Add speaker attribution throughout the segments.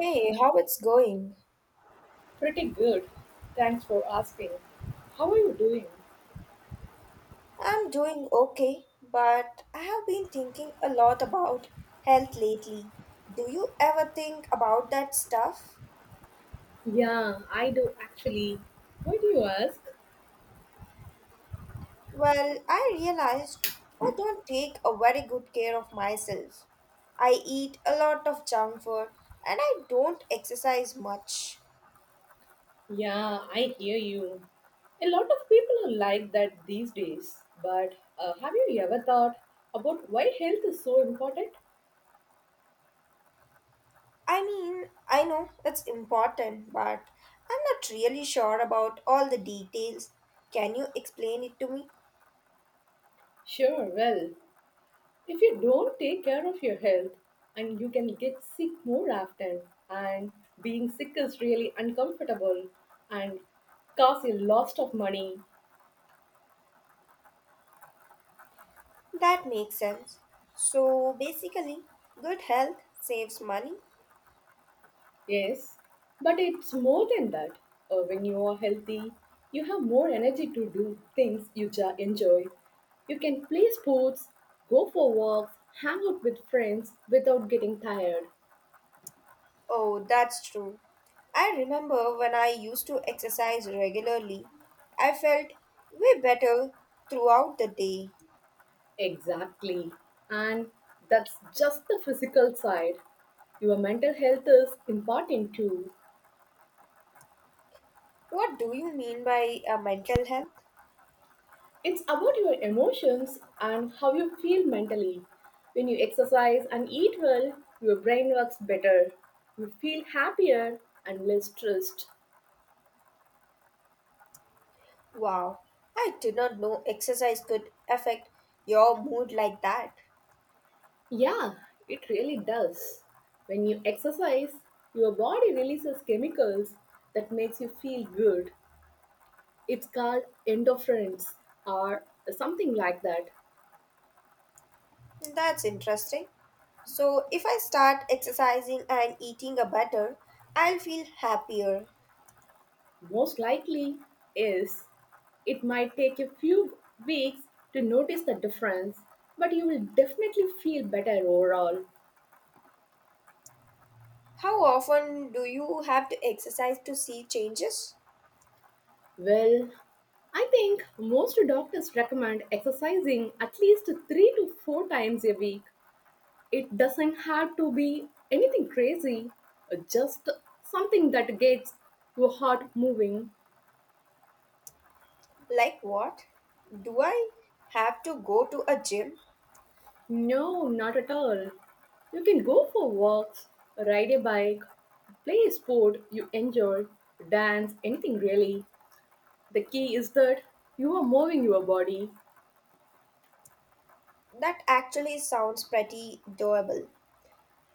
Speaker 1: Hey, how it's going?
Speaker 2: Pretty good. Thanks for asking. How are you doing?
Speaker 1: I'm doing okay, but I have been thinking a lot about health lately. Do you ever think about that stuff?
Speaker 2: Yeah, I do actually. Why do you ask?
Speaker 1: Well, I realized I don't take a very good care of myself. I eat a lot of junk food and I don't exercise much.
Speaker 2: Yeah, I hear you. A lot of people are like that these days. But have you ever thought about why health is so important?
Speaker 1: I mean, I know it's important, but I'm not really sure about all the details. Can you explain it to me?
Speaker 2: Sure, well, if you don't take care of your health, and you can get sick more often, and being sick is really uncomfortable and costs a lot of money.
Speaker 1: That makes sense. So basically, good health saves money?
Speaker 2: Yes, but it's more than that. When you are healthy, you have more energy to do things you enjoy. You can play sports, go for walks, hang out with friends without getting tired.
Speaker 1: Oh, that's true. I remember when I used to exercise regularly, I felt way better throughout the day.
Speaker 2: Exactly. And that's just the physical side. Your mental health is important too.
Speaker 1: What do you mean by mental health?
Speaker 2: It's about your emotions and how you feel mentally. When you exercise and eat well, your brain works better. You feel happier and less stressed.
Speaker 1: Wow, I did not know exercise could affect your mood like that.
Speaker 2: Yeah, it really does. When you exercise, your body releases chemicals that makes you feel good. It's called endorphins or something like that.
Speaker 1: That's interesting. So, if I start exercising and eating a better, I'll feel happier.
Speaker 2: Most likely is it might take a few weeks to notice the difference, but you will definitely feel better overall.
Speaker 1: How often do you have to exercise to see changes?
Speaker 2: Well, I think most doctors recommend exercising at least three to four times a week. It doesn't have to be anything crazy, just something that gets your heart moving.
Speaker 1: Like what? Do I have to go to a gym?
Speaker 2: No, not at all. You can go for walks, ride a bike, play a sport you enjoy, dance, anything really. The key is that you are moving your body.
Speaker 1: That actually sounds pretty doable.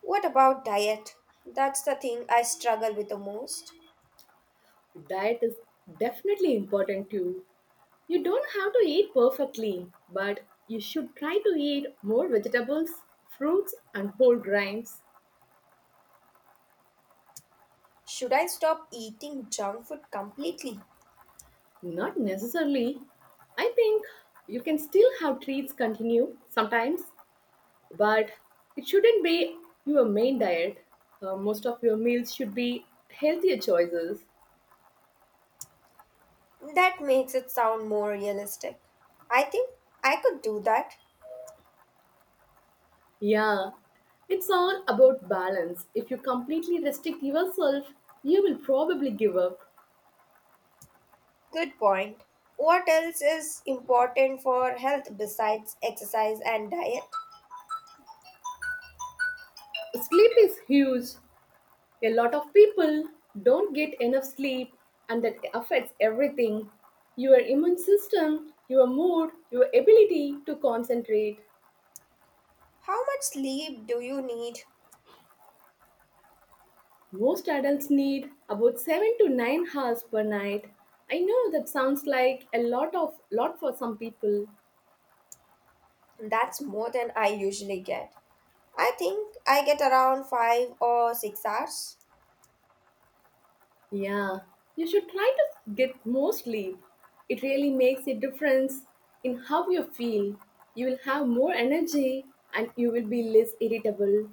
Speaker 1: What about diet? That's the thing I struggle with the most.
Speaker 2: Diet is definitely important too. You don't have to eat perfectly, but you should try to eat more vegetables, fruits, and whole grains.
Speaker 1: Should I stop eating junk food completely?
Speaker 2: Not necessarily. I think you can still have treats continue sometimes but it shouldn't be your main diet. Most of your meals should be healthier choices.
Speaker 1: That makes it sound more realistic. I think I could do that.
Speaker 2: Yeah, it's all about balance. If you completely restrict yourself, you will probably give up.
Speaker 1: Good point. What else is important for health besides exercise and diet?
Speaker 2: Sleep is huge. A lot of people don't get enough sleep, and that affects everything: your immune system, your mood, your ability to concentrate.
Speaker 1: How much sleep do you need?
Speaker 2: Most adults need about 7 to 9 hours per night. I know that sounds like a lot for some people.
Speaker 1: That's more than I usually get. I think I get around 5 or 6 hours.
Speaker 2: Yeah, you should try to get more sleep. It really makes a difference in how you feel. You will have more energy and you will be less irritable.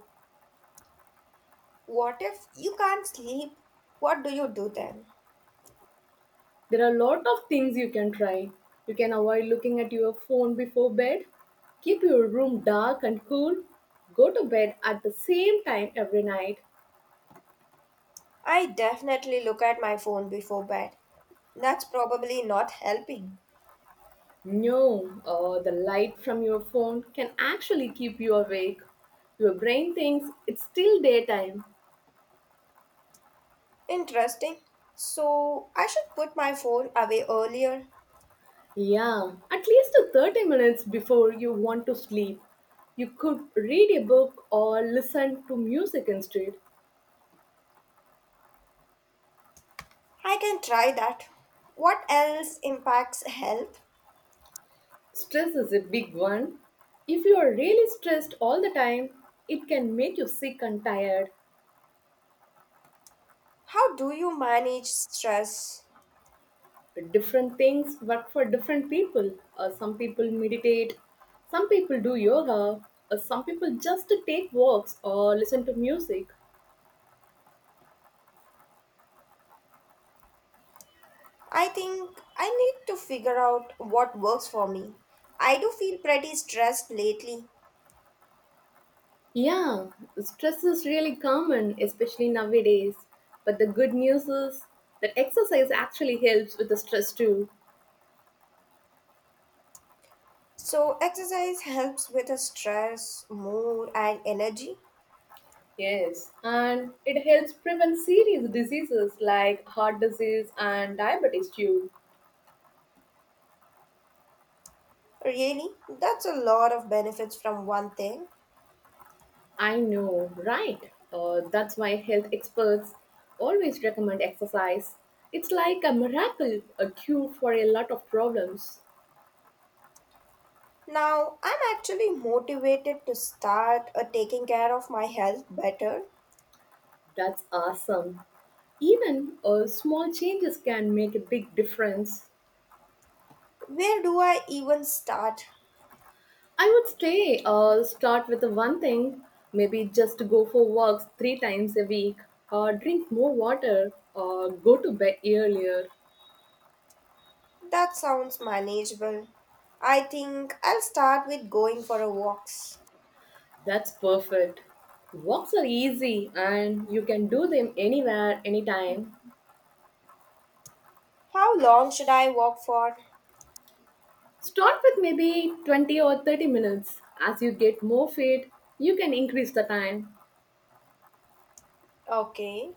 Speaker 1: What if you can't sleep? What do you do then?
Speaker 2: There are a lot of things you can try. You can avoid looking at your phone before bed. Keep your room dark and cool. Go to bed at the same time every night.
Speaker 1: I definitely look at my phone before bed. That's probably not helping.
Speaker 2: No, the light from your phone can actually keep you awake. Your brain thinks it's still daytime.
Speaker 1: Interesting. So, I should put my phone away earlier.
Speaker 2: Yeah, at least to 30 minutes before you want to sleep. You could read a book or listen to music instead.
Speaker 1: I can try that. What else impacts health?
Speaker 2: Stress is a big one. If you are really stressed all the time, it can make you sick and tired.
Speaker 1: How do you manage stress?
Speaker 2: Different things work for different people. Some people meditate, some people do yoga, some people just take walks or listen to music.
Speaker 1: I think I need to figure out what works for me. I do feel pretty stressed lately.
Speaker 2: Yeah, stress is really common, especially nowadays. But the good news is that exercise actually helps with the stress too.
Speaker 1: So, exercise helps with the stress, mood, and energy.
Speaker 2: Yes. And it helps prevent serious diseases like heart disease and diabetes too.
Speaker 1: Really, that's a lot of benefits from one thing.
Speaker 2: I know, right? That's why health experts always recommend exercise. It's like a miracle, a cure for a lot of problems.
Speaker 1: Now, I'm actually motivated to start taking care of my health better.
Speaker 2: That's awesome. Even small changes can make a big difference.
Speaker 1: Where do I even start?
Speaker 2: I would say start with the one thing, maybe just go for walks three times a week, or drink more water, or go to bed earlier.
Speaker 1: That sounds manageable. I think I'll start with going for a walks.
Speaker 2: That's perfect. Walks are easy and you can do them anywhere, anytime.
Speaker 1: How long should I walk for?
Speaker 2: Start with maybe 20 or 30 minutes. As you get more fit, you can increase the time.
Speaker 1: Okay.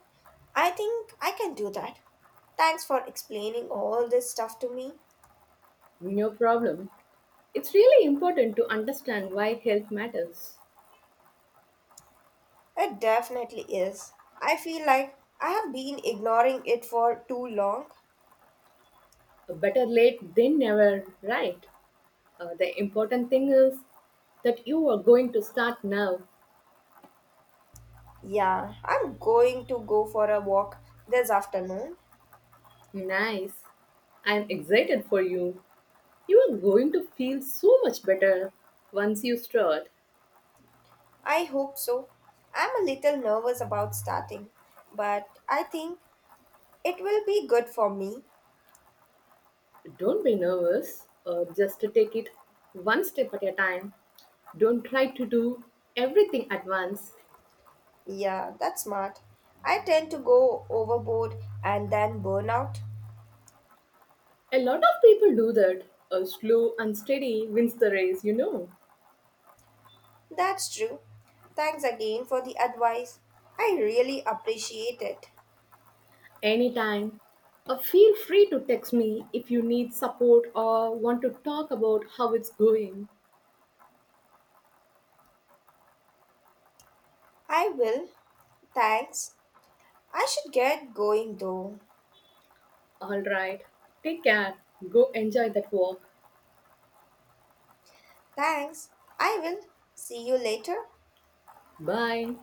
Speaker 1: I think I can do that. Thanks for explaining all this stuff to me.
Speaker 2: No problem. It's really important to understand why health matters.
Speaker 1: It definitely is. I feel like I have been ignoring it for too long.
Speaker 2: Better late than never, right? The important thing is that you are going to start now.
Speaker 1: Yeah, I'm going to go for a walk this afternoon.
Speaker 2: Nice. I'm excited for you. You are going to feel so much better once you start.
Speaker 1: I hope so. I'm a little nervous about starting, but I think it will be good for me.
Speaker 2: Don't be nervous, just to take it one step at a time. Don't try to do everything at once.
Speaker 1: Yeah, that's smart. I tend to go overboard and then burn out.
Speaker 2: A lot of people do that. A slow and steady wins the race, you know.
Speaker 1: That's true. Thanks again for the advice. I really appreciate it.
Speaker 2: Anytime. Feel free to text me if you need support or want to talk about how it's going.
Speaker 1: I will. Thanks. I should get going though.
Speaker 2: Alright. Take care. Go enjoy that walk.
Speaker 1: Thanks. I will. See you later.
Speaker 2: Bye.